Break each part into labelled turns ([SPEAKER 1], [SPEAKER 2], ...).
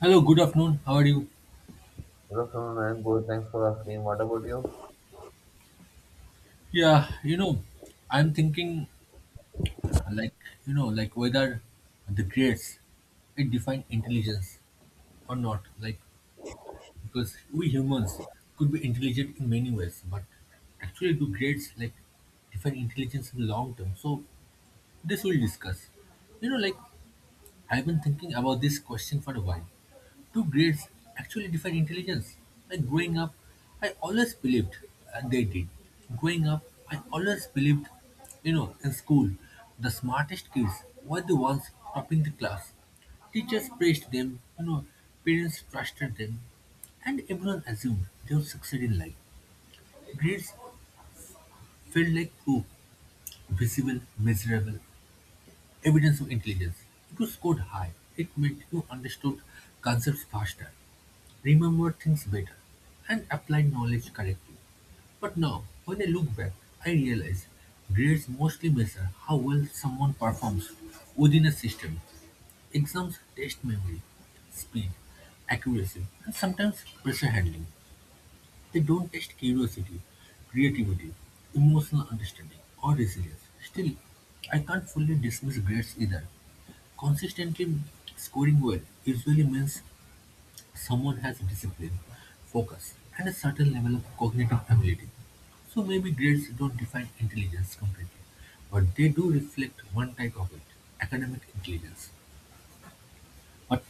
[SPEAKER 1] Hello, good afternoon. How are you?
[SPEAKER 2] Good afternoon, I'm good. Thanks for asking. What about you?
[SPEAKER 1] Yeah, you know, I'm thinking like, whether the grades it define intelligence or not. Like because we humans could be intelligent in many ways, but actually do grades define intelligence in long term. So this we'll discuss. You know, like I've been thinking about this question for a while. Do grades actually define intelligence? Like growing up, I always believed they did. Growing up, I always believed, in school, the smartest kids were the ones topping the class. Teachers praised them, parents trusted them, and everyone assumed they would succeed in life. Grades felt like proof, visible, measurable, evidence of intelligence. If you scored high, it meant you understood concepts faster, remembered things better, and applied knowledge correctly. But now, when I look back, I realize grades mostly measure how well someone performs within a system. Exams test memory, speed, accuracy, and sometimes pressure handling. They don't test curiosity, creativity, emotional understanding, or resilience. Still, I can't fully dismiss grades either. Consistently scoring well usually means someone has discipline, focus, and a certain level of cognitive ability. So maybe grades don't define intelligence completely, but they do reflect one type of it, academic intelligence. But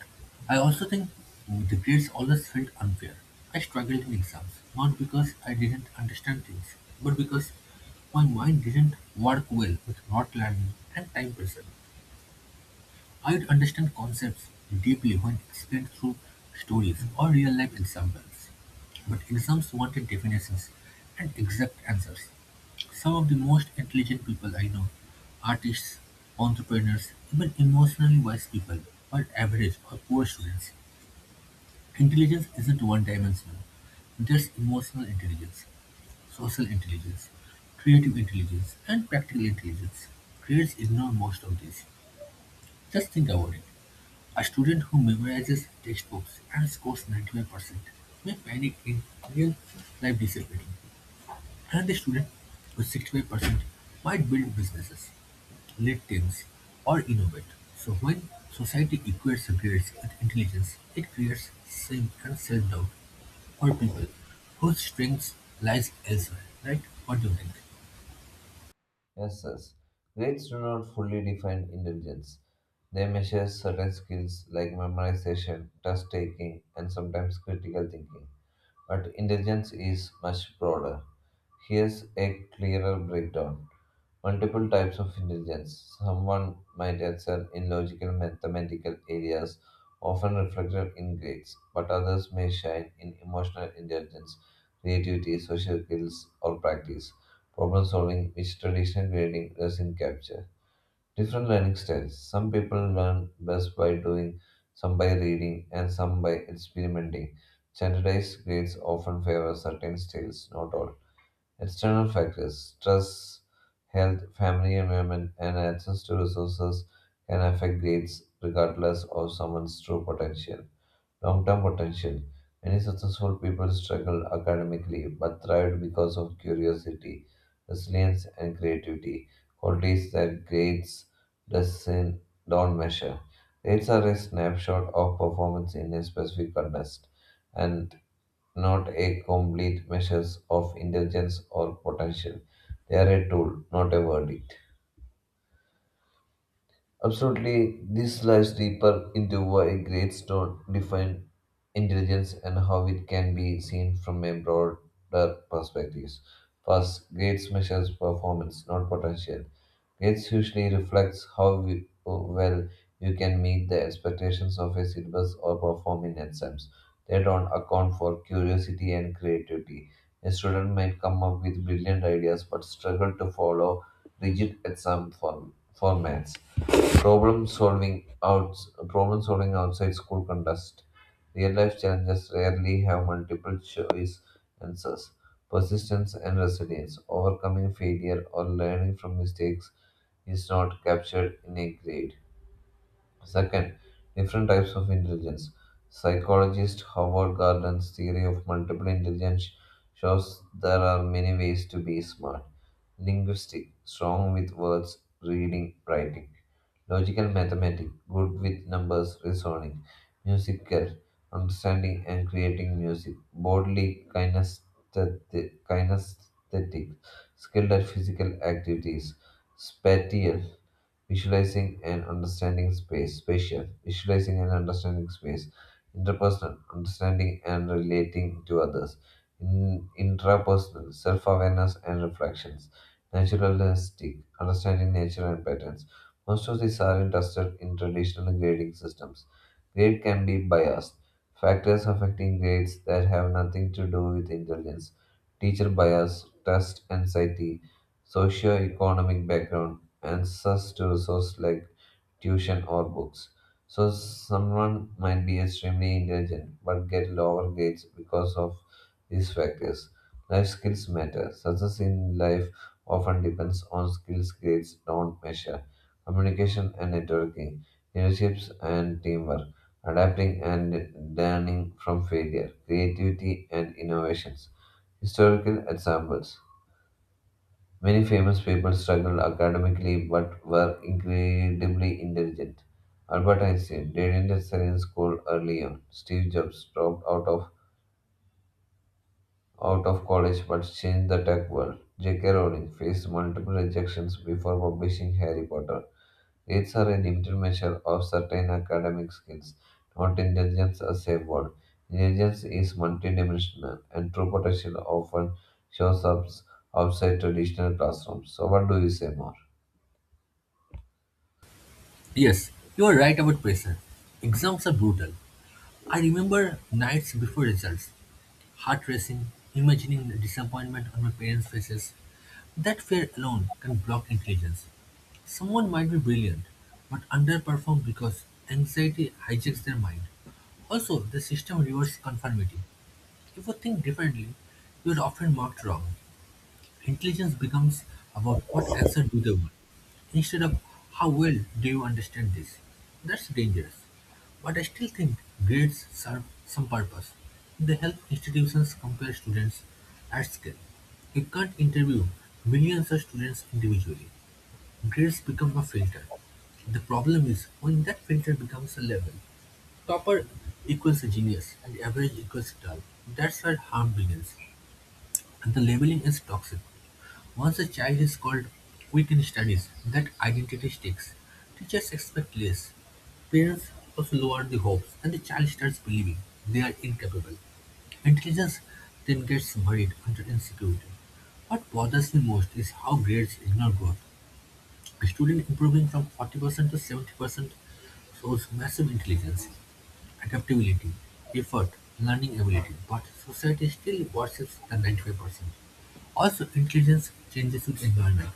[SPEAKER 1] I also think the grades always felt unfair. I struggled in exams, not because I didn't understand things, but because my mind didn't work well with not learning and time pressure. I'd understand concepts deeply when explained through stories or real-life examples. But exams wanted definitions and exact answers. Some of the most intelligent people I know, artists, entrepreneurs, even emotionally wise people, are average or poor students. Intelligence isn't one-dimensional. There's emotional intelligence, social intelligence, creative intelligence, and practical intelligence. Grades ignore most of these. Just think about it. A student who memorizes textbooks and scores 95% may panic in real-life discipline, and the student with 65% might build businesses, lead teams, or innovate. So when society equates grades with intelligence, it creates shame and self-doubt for people whose strengths lies elsewhere, right? What do you think?
[SPEAKER 2] Yes, yes. Grades do not fully define intelligence. They measure certain skills like memorization, test taking, and sometimes critical thinking. But intelligence is much broader. Here's a clearer breakdown. Multiple types of intelligence. Someone might excel in logical mathematical areas, often reflected in grades, but others may shine in emotional intelligence, creativity, social skills, or practice, problem solving, which traditional grading doesn't capture. Different learning styles. Some people learn best by doing, some by reading, and some by experimenting. Standardized grades often favor certain styles, not all. External factors, stress, health, family environment, and access to resources can affect grades regardless of someone's true potential long term potential. Many successful people struggled academically but thrived because of curiosity, resilience, and creativity, qualities that grades doesn't, don't measure. Grades are a snapshot of performance in a specific contest and not a complete measure of intelligence or potential. They are a tool, not a verdict. Absolutely, this lies deeper into why a great stone defines intelligence and how it can be seen from a broader perspective. First, grades measures performance, not potential. Grades usually reflects how well you can meet the expectations of a syllabus or perform in exams. They don't account for curiosity and creativity. A student might come up with brilliant ideas but struggle to follow rigid exam formats. Problem solving out Problem solving outside school contest. Real life challenges rarely have multiple choice answers. Persistence and resilience, overcoming failure or learning from mistakes is not captured in a grade. Second, different types of intelligence. Psychologist Howard Gardner's theory of multiple intelligence shows there are many ways to be smart. Linguistic, strong with words, reading, writing. Logical mathematic good with numbers, reasoning. Musical, understanding and creating music. Bodily kinesthetic, skilled at physical activities. Spatial, visualizing and understanding space, interpersonal, understanding and relating to others, intrapersonal, self awareness and reflections, naturalistic, understanding nature and patterns. Most of these are interested in traditional grading systems. Grade can be biased. Factors affecting grades that have nothing to do with intelligence, teacher bias, test anxiety, socio-economic background, access to resources like tuition or books. So someone might be extremely intelligent but get lower grades because of these factors. Life skills matter. Success in life often depends on skills grades don't measure. Communication and networking, leaderships and teamwork, adapting and learning from failure, creativity and innovations. Historical examples. Many famous people struggled academically but were incredibly intelligent. Albert Einstein didn't excel in school early on. Steve Jobs dropped out of college but changed the tech world. J.K. Rowling faced multiple rejections before publishing Harry Potter. Grades are a limited measure of certain academic skills, not intelligence as a whole. Intelligence is multidimensional, and true potential often shows up outside traditional classrooms. So, what do you say more?
[SPEAKER 1] Yes, you are right about pressure. Exams are brutal. I remember nights before results, heart-racing, imagining the disappointment on my parents' faces. That fear alone can block intelligence. Someone might be brilliant, but underperform because anxiety hijacks their mind. Also, the system rewards conformity. If you think differently, you are often marked wrong. Intelligence becomes about what answer do they want, instead of "How well do you understand this?" That's dangerous. But I still think grades serve some purpose. They help institutions compare students at scale. You can't interview millions of students individually. Grades become a filter. The problem is when that filter becomes a level, topper equals a genius and average equals dull. That's where harm begins. And the labeling is toxic. Once a child is called weak in studies, that identity sticks. Teachers expect less. Parents also lower the hopes, and the child starts believing they are incapable. Intelligence then gets buried under insecurity. What bothers me most is how grades ignore growth. A student improving from 40% to 70% shows massive intelligence, adaptability, effort, learning ability, but society still worships the 95%. Also, intelligence changes with environment.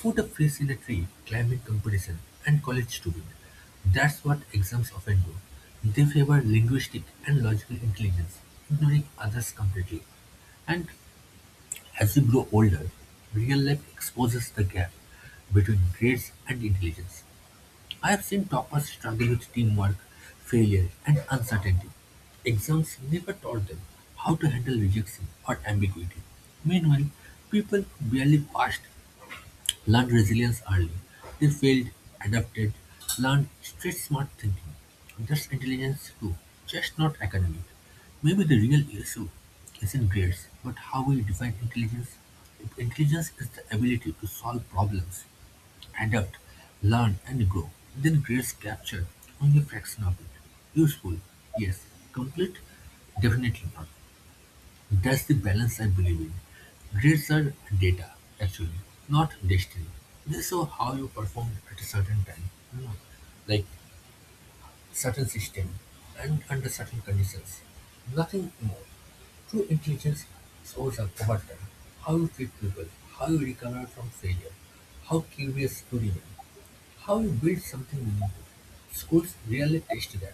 [SPEAKER 1] Put a fish in a tree, climbing competition, and college student. That's what exams often do. They favor linguistic and logical intelligence, ignoring others completely. And as you grow older, real life exposes the gap between grades and intelligence. I have seen toppers struggle with teamwork, failure, and uncertainty. Exams never taught them how to handle rejection or ambiguity. Meanwhile, people barely passed learned resilience early. They failed, adapted, learned street smart thinking. That's intelligence too, just not academic. Maybe the real issue isn't grades, but how we define intelligence. If intelligence is the ability to solve problems, adapt, learn, and grow, then grades capture only a fraction of it. Useful, yes. Complete, definitely not. That's the balance I believe in. Grades are data, actually, not destiny. They show how you performed at a certain time, you know, like certain system and under certain conditions. Nothing more. True intelligence shows up over time. How you treat people, how you recover from failure, how curious you remain, how you build something meaningful. Schools really test that.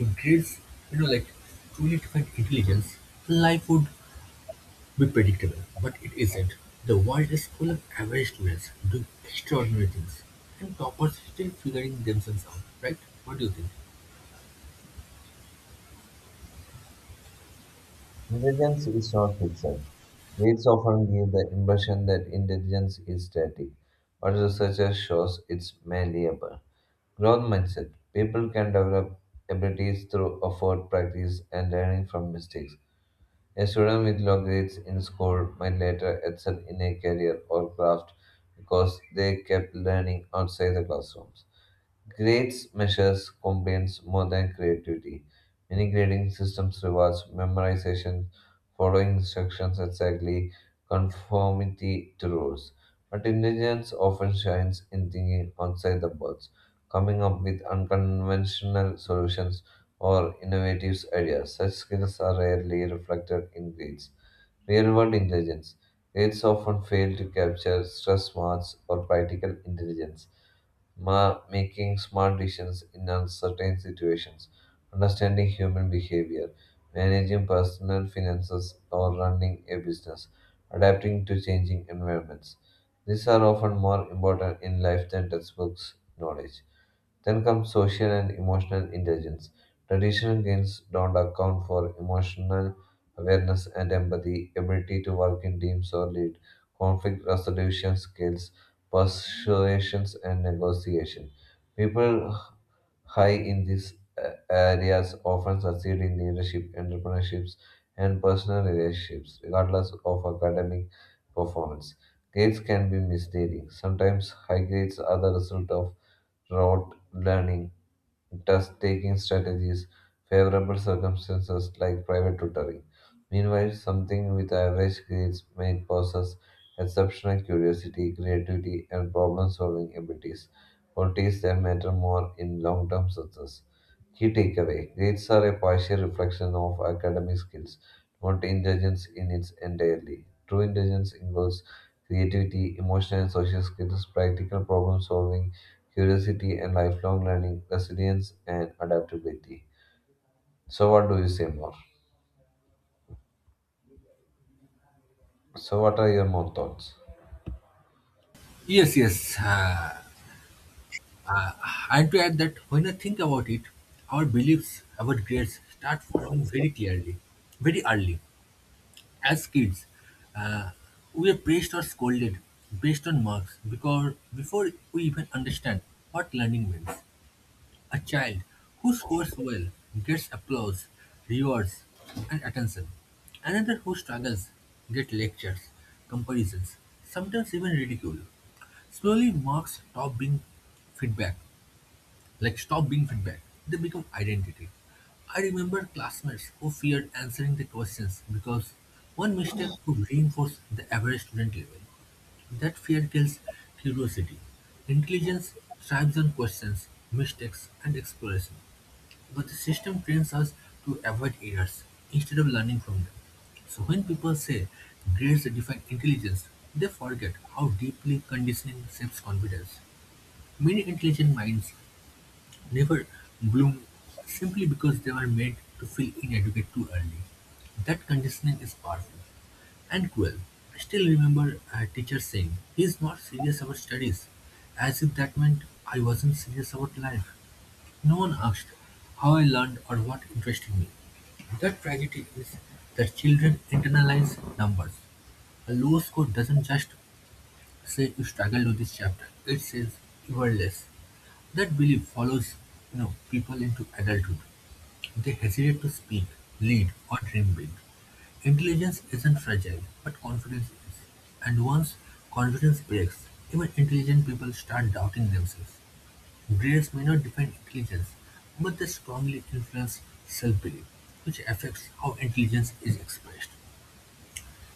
[SPEAKER 1] If grades, you know, like truly define intelligence, life would be predictable, but it isn't. The world is full of average students doing extraordinary things, and toppers still figuring themselves out, right? What do you think?
[SPEAKER 2] Intelligence is not fixed. Weights often give the impression that intelligence is static, but research shows it's malleable. Growth mindset. People can develop abilities through effort, practice, and learning from mistakes. A student with low grades in school might later excel in a career or craft because they kept learning outside the classroom. Grades measures compliance more than creativity. Many grading systems rewards memorization, following instructions exactly, conformity to rules. But intelligence often shines in thinking outside the box, coming up with unconventional solutions or innovative ideas. Such skills are rarely reflected in grades. Real world intelligence. Aids often fail to capture stress smarts or practical intelligence, making smart decisions in uncertain situations, understanding human behavior, managing personal finances, or running a business, adapting to changing environments. These are often more important in life than textbooks knowledge. Then comes social and emotional intelligence. Traditional games don't account for emotional awareness and empathy, ability to work in teams or lead, conflict resolution skills, persuasions, and negotiation. People high in these areas often succeed in leadership, entrepreneurships, and personal relationships, regardless of academic performance. Grades can be misleading. Sometimes high grades are the result of rote learning, test taking strategies, favorable circumstances like private tutoring. Meanwhile, something with average grades may possess exceptional curiosity, creativity, and problem solving abilities qualities that matter more in long term success. Key takeaway Grades are a partial reflection of academic skills, not intelligence in its entirely. True intelligence includes creativity, emotional and social skills, practical problem solving, curiosity and lifelong learning, resilience and adaptability. So, what do you say more? So, what are your more thoughts?
[SPEAKER 1] Yes, yes. And to add that, when I think about it, our beliefs about grades start forming very clearly, very early. As kids, we are praised or scolded based on marks because before we even understand what learning means. A child who scores well gets applause, rewards, and attention. Another who struggles gets lectures, comparisons, sometimes even ridicule. Slowly, marks stop being feedback, like stop being feedback. They become identity. I remember classmates who feared answering the questions because one mistake could reinforce the average student level. That fear kills curiosity. Intelligence thrives on questions, mistakes, and exploration. But the system trains us to avoid errors instead of learning from them. So when people say grades define intelligence, they forget how deeply conditioning shapes confidence. Many intelligent minds never bloom simply because they were made to feel inadequate too early. That conditioning is powerful and cruel. I still remember a teacher saying, he is not serious about studies, as if that meant I wasn't serious about life. No one asked how I learned or what interested me. The tragedy is that children internalize numbers. A low score doesn't just say you struggled with this chapter, it says you were less. That belief follows people into adulthood. They hesitate to speak, lead, or dream big. Intelligence isn't fragile, but confidence is. And once confidence breaks, even intelligent people start doubting themselves. Grades may not define intelligence, but they strongly influence self-belief, which affects how intelligence is expressed.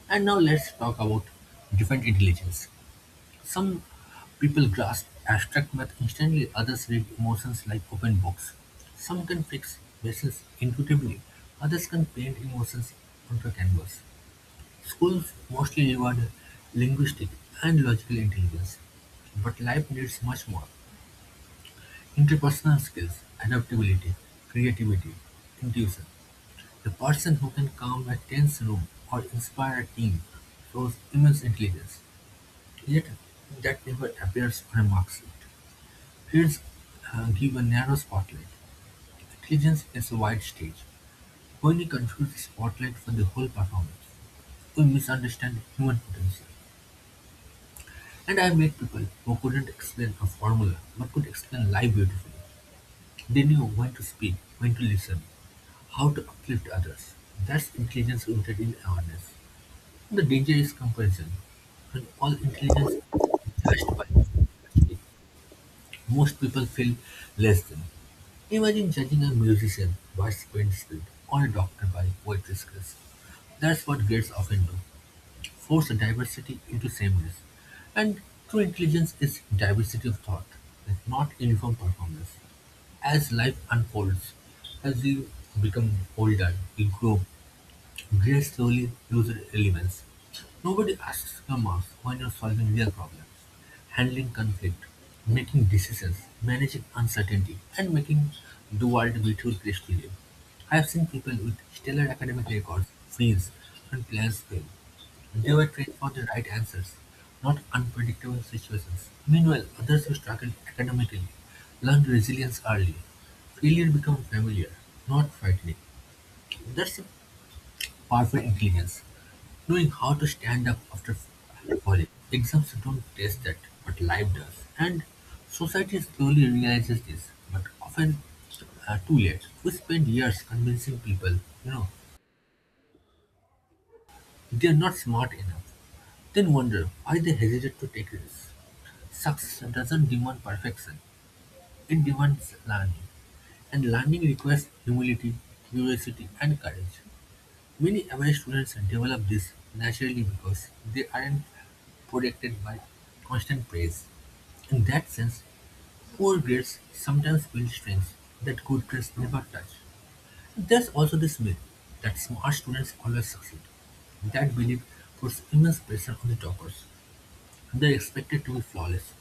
[SPEAKER 1] And now let's talk about different intelligence. Some people grasp abstract math instantly, others read emotions like open books. Some can fix bases intuitively, others can paint emotions onto a canvas. Schools mostly reward linguistic and logical intelligence, but life needs much more. Interpersonal skills, adaptability, creativity, intuition. The person who can calm a tense room or inspire a team shows immense intelligence, yet that never appears on a mark sheet. Fears give a narrow spotlight. Intelligence is a wide stage. When we confuse the spotlight for the whole performance, we misunderstand human potential. And I met people who couldn't explain a formula but could explain life beautifully. They knew when to speak, when to listen, how to uplift others, that's intelligence rooted in awareness. The danger is comparison. When all intelligence is judged by one yardstick, most people feel less than. Imagine judging a musician by sprint speed or a doctor by poetry skills. That's what grades often do. Force diversity into sameness. And true intelligence is diversity of thought, and not uniform performance. As life unfolds, as you become older, you grow, very slowly used elements. Nobody asks your mouth when you're solving real problems, handling conflict, making decisions, managing uncertainty, and making the world a beautiful place to live. I have seen people with stellar academic records, friends, and plans fail. They were trained for the right answers, not unpredictable situations. Meanwhile, others who struggled academically learned resilience early. Failure became familiar, not frightening. That's a powerful intelligence. Knowing how to stand up after falling. Exams don't test that, but life does. And society slowly realizes this, but often too late. We spend years convincing people, you know, they're not smart enough. Then wonder why they hesitate to take risks. Success doesn't demand perfection. It demands learning. And learning requires humility, curiosity, and courage. Many away students develop this naturally because they aren't protected by constant praise. In that sense, poor grades sometimes build strengths that good grades never touch. There's also this myth that smart students always succeed. That belief puts immense pressure on the toppers. They're expected to be flawless.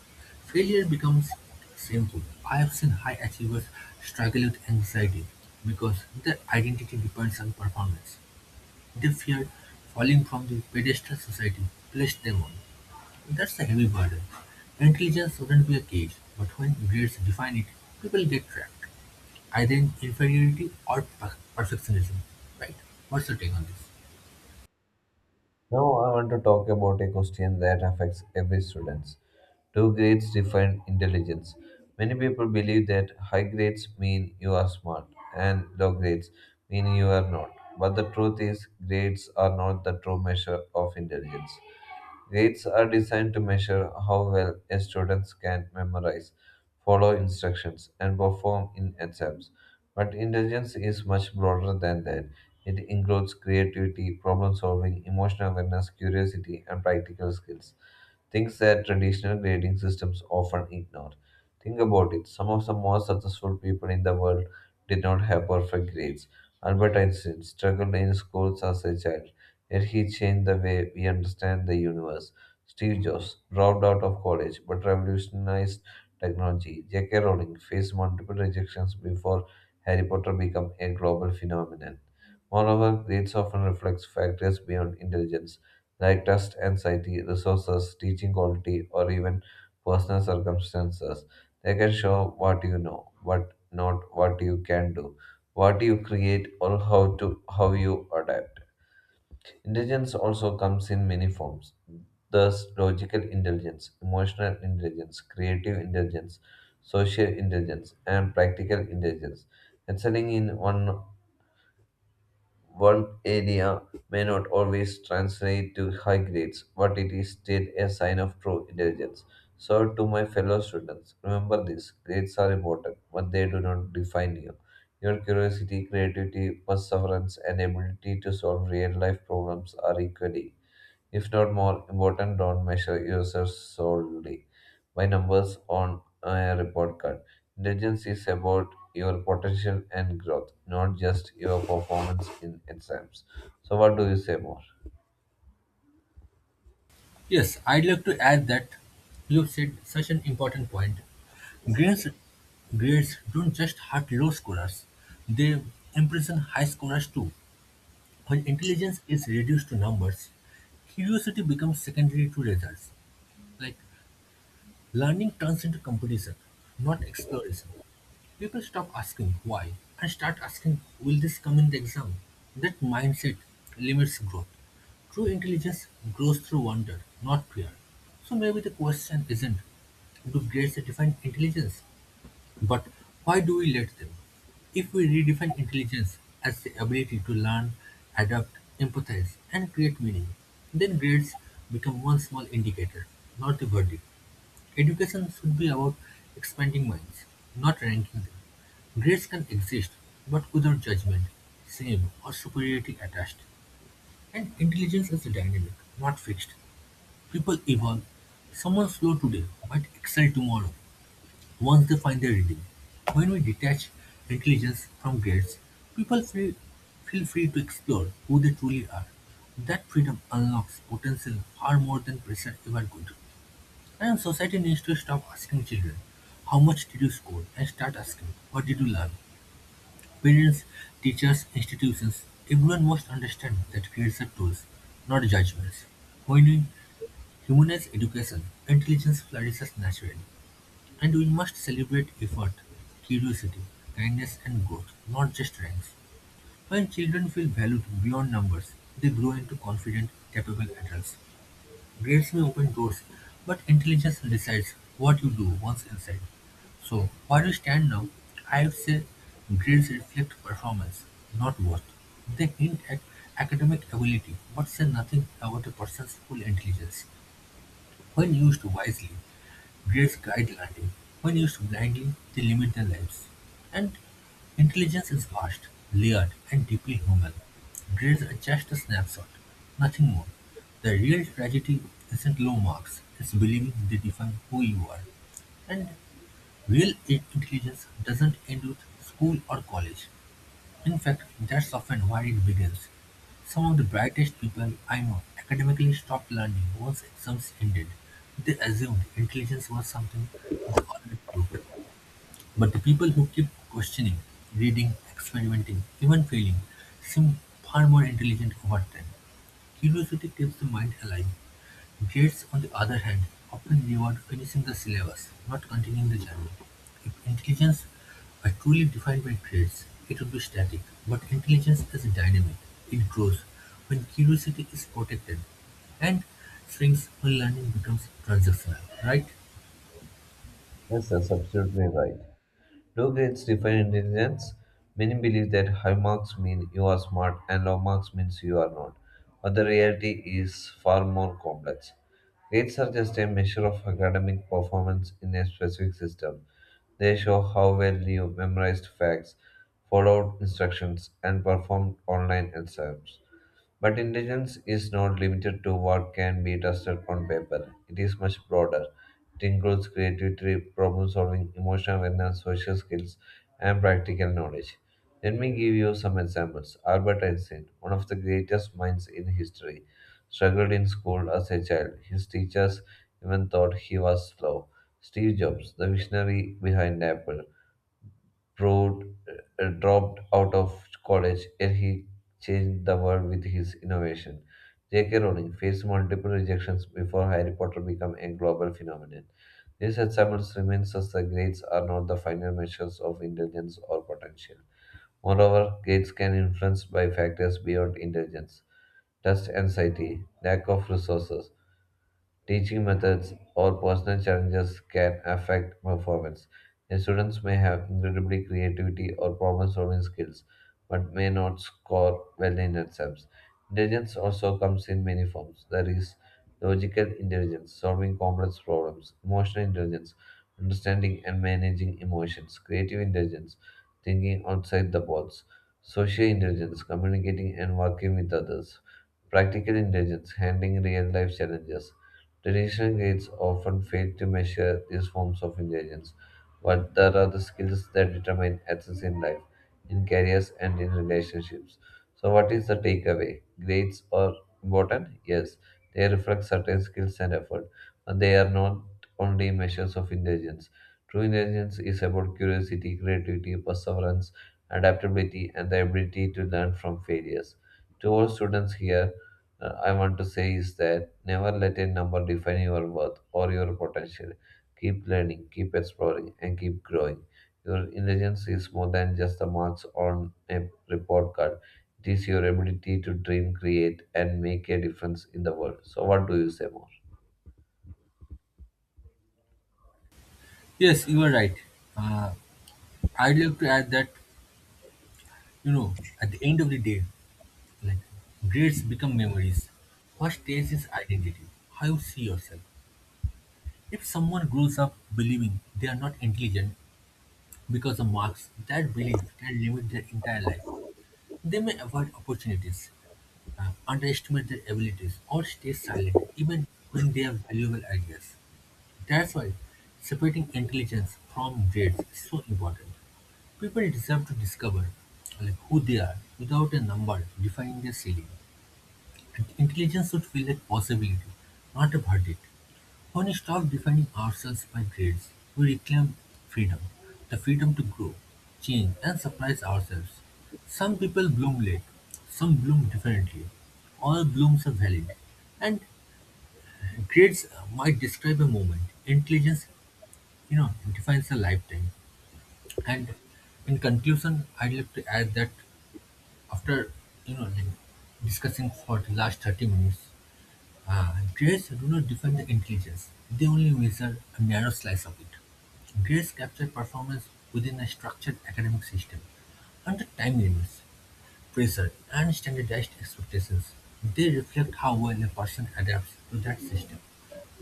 [SPEAKER 1] Failure becomes shameful. I have seen high achievers struggle with anxiety because their identity depends on performance. They feared falling from the pedestal society placed them on. That's a heavy burden. Intelligence shouldn't be a cage, but when grades define it, people get trapped, either in inferiority or perfectionism. Right? What's your take on this?
[SPEAKER 2] Now I want to talk about a question that affects every student. Do grades define intelligence? Many people believe that high grades mean you are smart and low grades mean you are not. But the truth is, grades are not the true measure of intelligence. Grades are designed to measure how well a student can memorize, follow instructions, and perform in exams. But intelligence is much broader than that. It includes creativity, problem solving, emotional awareness, curiosity, and practical skills things that traditional grading systems often ignore. Think about it some of the most successful people in the world did not have perfect grades. Albert Einstein struggled in schools as a child, yet he changed the way we understand the universe. Steve Jobs dropped out of college but revolutionized technology. J.K. Rowling faced multiple rejections before Harry Potter became a global phenomenon. Moreover, grades often reflect factors beyond intelligence like trust, anxiety, resources, teaching quality, or even personal circumstances. They can show what you know, but not what you can do, what you create, or how you adapt. Intelligence also comes in many forms. Thus, logical intelligence, emotional intelligence, creative intelligence, social intelligence, and practical intelligence. Excelling in one area may not always translate to high grades, but it is still a sign of true intelligence. So, to my fellow students, remember this grades are important, but they do not define you. Your curiosity, creativity, perseverance, and ability to solve real life problems are equally if not more important, don't measure yourself solely by numbers on a report card. Intelligence is about your potential and growth, not just your performance in exams. So, what do you say more?
[SPEAKER 1] Yes, I'd like to add that you've said such an important point. Grades, grades don't just hurt low scorers, they imprison high scorers too. When intelligence is reduced to numbers, curiosity becomes secondary to results. Like Learning turns into competition, not exploration. People stop asking why and start asking, will this come in the exam? That mindset limits growth. True intelligence grows through wonder, not fear. So maybe the question isn't do grades define intelligence, but why do we let them? If we redefine intelligence as the ability to learn, adapt, empathize, and create meaning, then grades become one small indicator, not the verdict. Education should be about expanding minds, not ranking them. Grades can exist, but without judgment, shame, or superiority attached. And intelligence is dynamic, not fixed. People evolve. Someone slow today might excel tomorrow once they find their reading. When we detach intelligence from grades, people feel free to explore who they truly are. That freedom unlocks potential far more than pressure ever could. And society needs to stop asking children, how much did you score? And start asking, what did you learn? Parents, teachers, institutions, everyone must understand that grades are tools, not judgments. When we humanize education, intelligence flourishes naturally. And we must celebrate effort, curiosity, kindness, and growth, not just ranks. When children feel valued beyond numbers, they grow into confident, capable adults. Grades may open doors, but intelligence decides what you do once inside. So where we stand now, I'd say grades reflect performance, not worth. They hint at academic ability, but say nothing about a person's full intelligence when used wisely. Grave guideline: when used blindly, they limit their lives. And intelligence is vast, layered, and deeply human. Grades are just a snapshot, nothing more. The real tragedy isn't low marks, it's believing they define who you are. And real intelligence doesn't end with school or college. In fact, that's often where it begins. Some of the brightest people I know academically stopped learning once exams ended. They assumed intelligence was something they already proved. But the people who keep questioning, reading, experimenting, even failing, seem far more intelligent over time. Curiosity keeps the mind alive. Grades, on the other hand, often reward finishing the syllabus, not continuing the journey. If intelligence were truly defined by grades, it would be static, but intelligence is dynamic. It grows when curiosity is protected and shrinks when learning becomes transactional, right?
[SPEAKER 2] Yes, that's absolutely right. Do grades define intelligence? Many believe that high marks mean you are smart and low marks means you are not. But the reality is far more complex. Grades are just a measure of academic performance in a specific system. They show how well you memorized facts, followed instructions, and performed online exams. But intelligence is not limited to what can be tested on paper. It is much broader. It includes creativity, problem solving, emotional awareness, social skills, and practical knowledge. Let me give you some examples. Albert Einstein, one of the greatest minds in history, struggled in school as a child. His teachers even thought he was slow. Steve Jobs, the visionary behind Apple, Proud dropped out of college, yet he changed the world with his innovation. J.K. Rowling faced multiple rejections before Harry Potter became a global phenomenon. These examples reminds us that grades are not the final measures of intelligence or potential. Moreover, grades can influence by factors beyond intelligence, test anxiety, lack of resources, teaching methods, or personal challenges can affect performance. The students may have incredibly creativity or problem-solving skills, but may not score well in exams. Intelligence also comes in many forms. There is logical intelligence, solving complex problems, emotional intelligence, understanding and managing emotions, creative intelligence, thinking outside the box, social intelligence, communicating and working with others, practical intelligence, handling real life challenges, traditional grades often fail to measure these forms of intelligence, but there are the skills that determine access in life, in careers, and in relationships. So, what is the takeaway? Grades are important, yes, they reflect certain skills and effort, but they are not only measures of intelligence. True intelligence is about curiosity, creativity, perseverance, adaptability, and the ability to learn from failures. To all students here, I want to say is that never let a number define your worth or your potential. Keep learning, keep exploring, and keep growing. Your intelligence is more than just the marks on a report card. It is your ability to dream, create, and make a difference in the world. So, what do you say more?
[SPEAKER 1] Yes, you are right. Uh, I'd like to add that, you know, at the end of the day, like, grades become memories. What stays is identity, how you see yourself. If someone grows up believing they are not intelligent because of marks, that belief can limit their entire life. They may avoid opportunities, underestimate their abilities, or stay silent even when they have valuable ideas. That's why separating intelligence from grades is so important. People deserve to discover, like, who they are without a number defining their ceiling. And intelligence should feel like possibility, not a verdict. When we stop defining ourselves by grades, we reclaim freedom, the freedom to grow, change, and surprise ourselves. Some people bloom late, some bloom differently. All blooms are valid. And grades might describe a moment. Intelligence, you know, defines a lifetime. And in conclusion, I'd like to add that after, you know, like, discussing for the last 30 minutes, grays do not define the intelligence, they only measure a narrow slice of it. Grays capture performance within a structured academic system under time limits, pressure, and standardized expectations. They reflect how well a person adapts to that system,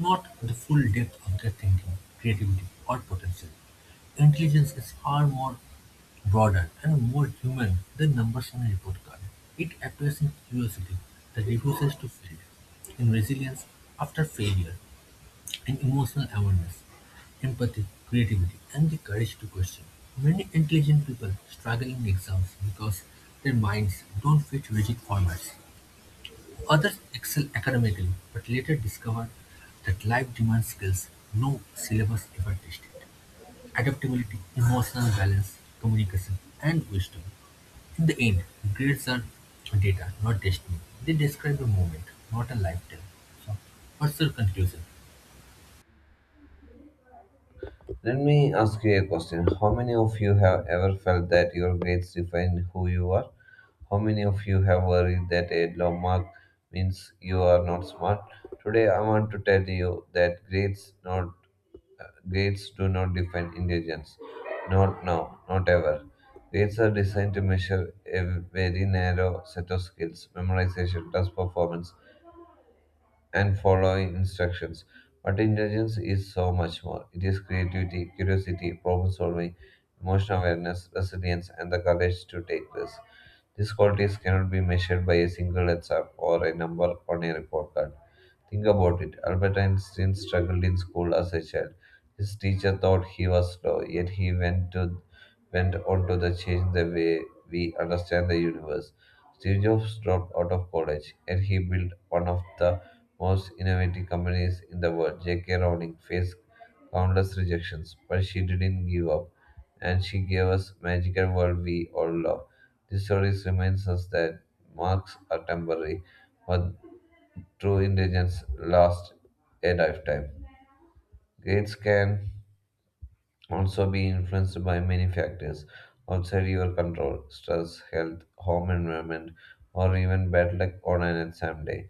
[SPEAKER 1] not the full depth of their thinking, creativity, or potential. Intelligence is far more broader and more human than numbers on a report card. It appears in curiosity that refuses to fail, in resilience after failure, an emotional awareness, empathy, creativity, and the courage to question. Many intelligent people struggle in exams because their minds don't fit rigid formats. Others excel academically but later discover that life demands skills no syllabus ever tested. Adaptability, emotional balance, communication, and wisdom. In the end, grades are data, not destiny. They describe a moment, not a lifetime. So, what's your conclusion?
[SPEAKER 2] Let me ask you a question. How many of you have ever felt that your grades define who you are? How many of you have worried that a low mark means you are not smart? Today, I want to tell you that grades do not define intelligence. Not now, not ever. Grades are designed to measure a very narrow set of skills memorization, test performance, and following instructions. But intelligence is so much more. It is creativity, curiosity, problem solving, emotional awareness, resilience, and the courage to take risks. These qualities cannot be measured by a single exam or a number on a report card. Think about it. Albert Einstein struggled in school as a child. His teacher thought he was slow, yet he went on to the change the way we understand the universe. Steve Jobs dropped out of college, and he built one of the most innovative companies in the world. J.K. Rowling faced countless rejections, but she didn't give up, and she gave us magical world we all love. This story reminds us that marks are temporary, but true intelligence lasts a lifetime. Grades can also be influenced by many factors outside your control stress, health, home environment, or even bad luck on an exam day.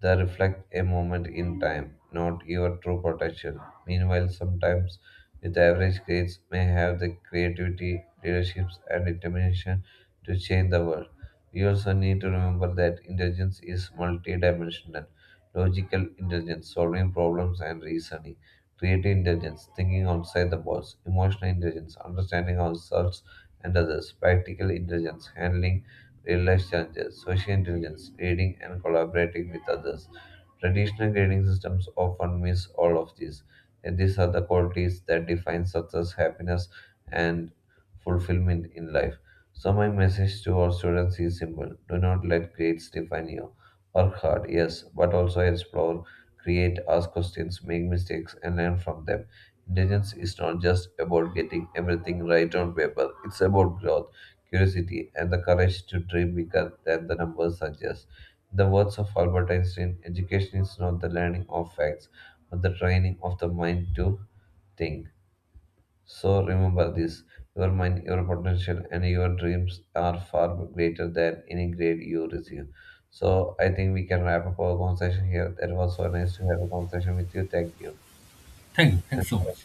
[SPEAKER 2] They reflect a moment in time, not your true potential. Meanwhile, sometimes with average grades may have the creativity, leadership, and determination to change the world. We also need to remember that intelligence is multidimensional, logical intelligence, solving problems and reasoning creative intelligence, thinking outside the box, emotional intelligence, understanding ourselves and others, practical intelligence, handling real life challenges, social intelligence, leading and collaborating with others. Traditional grading systems often miss all of these, and these are the qualities that define success, happiness, and fulfillment in life. So, my message to our students is simple do not let grades define you. Work hard, yes, but also explore, create, ask questions, make mistakes, and learn from them. Intelligence is not just about getting everything right on paper, it's about growth, curiosity, and the courage to dream bigger than the numbers suggest. In the words of Albert Einstein, education is not the learning of facts, but the training of the mind to think. So remember this your mind, your potential, and your dreams are far greater than any grade you receive. So I think we can wrap up our conversation here. That was so nice to have a conversation with you. Thank you.
[SPEAKER 1] Thank you. Thanks so
[SPEAKER 2] And
[SPEAKER 1] much.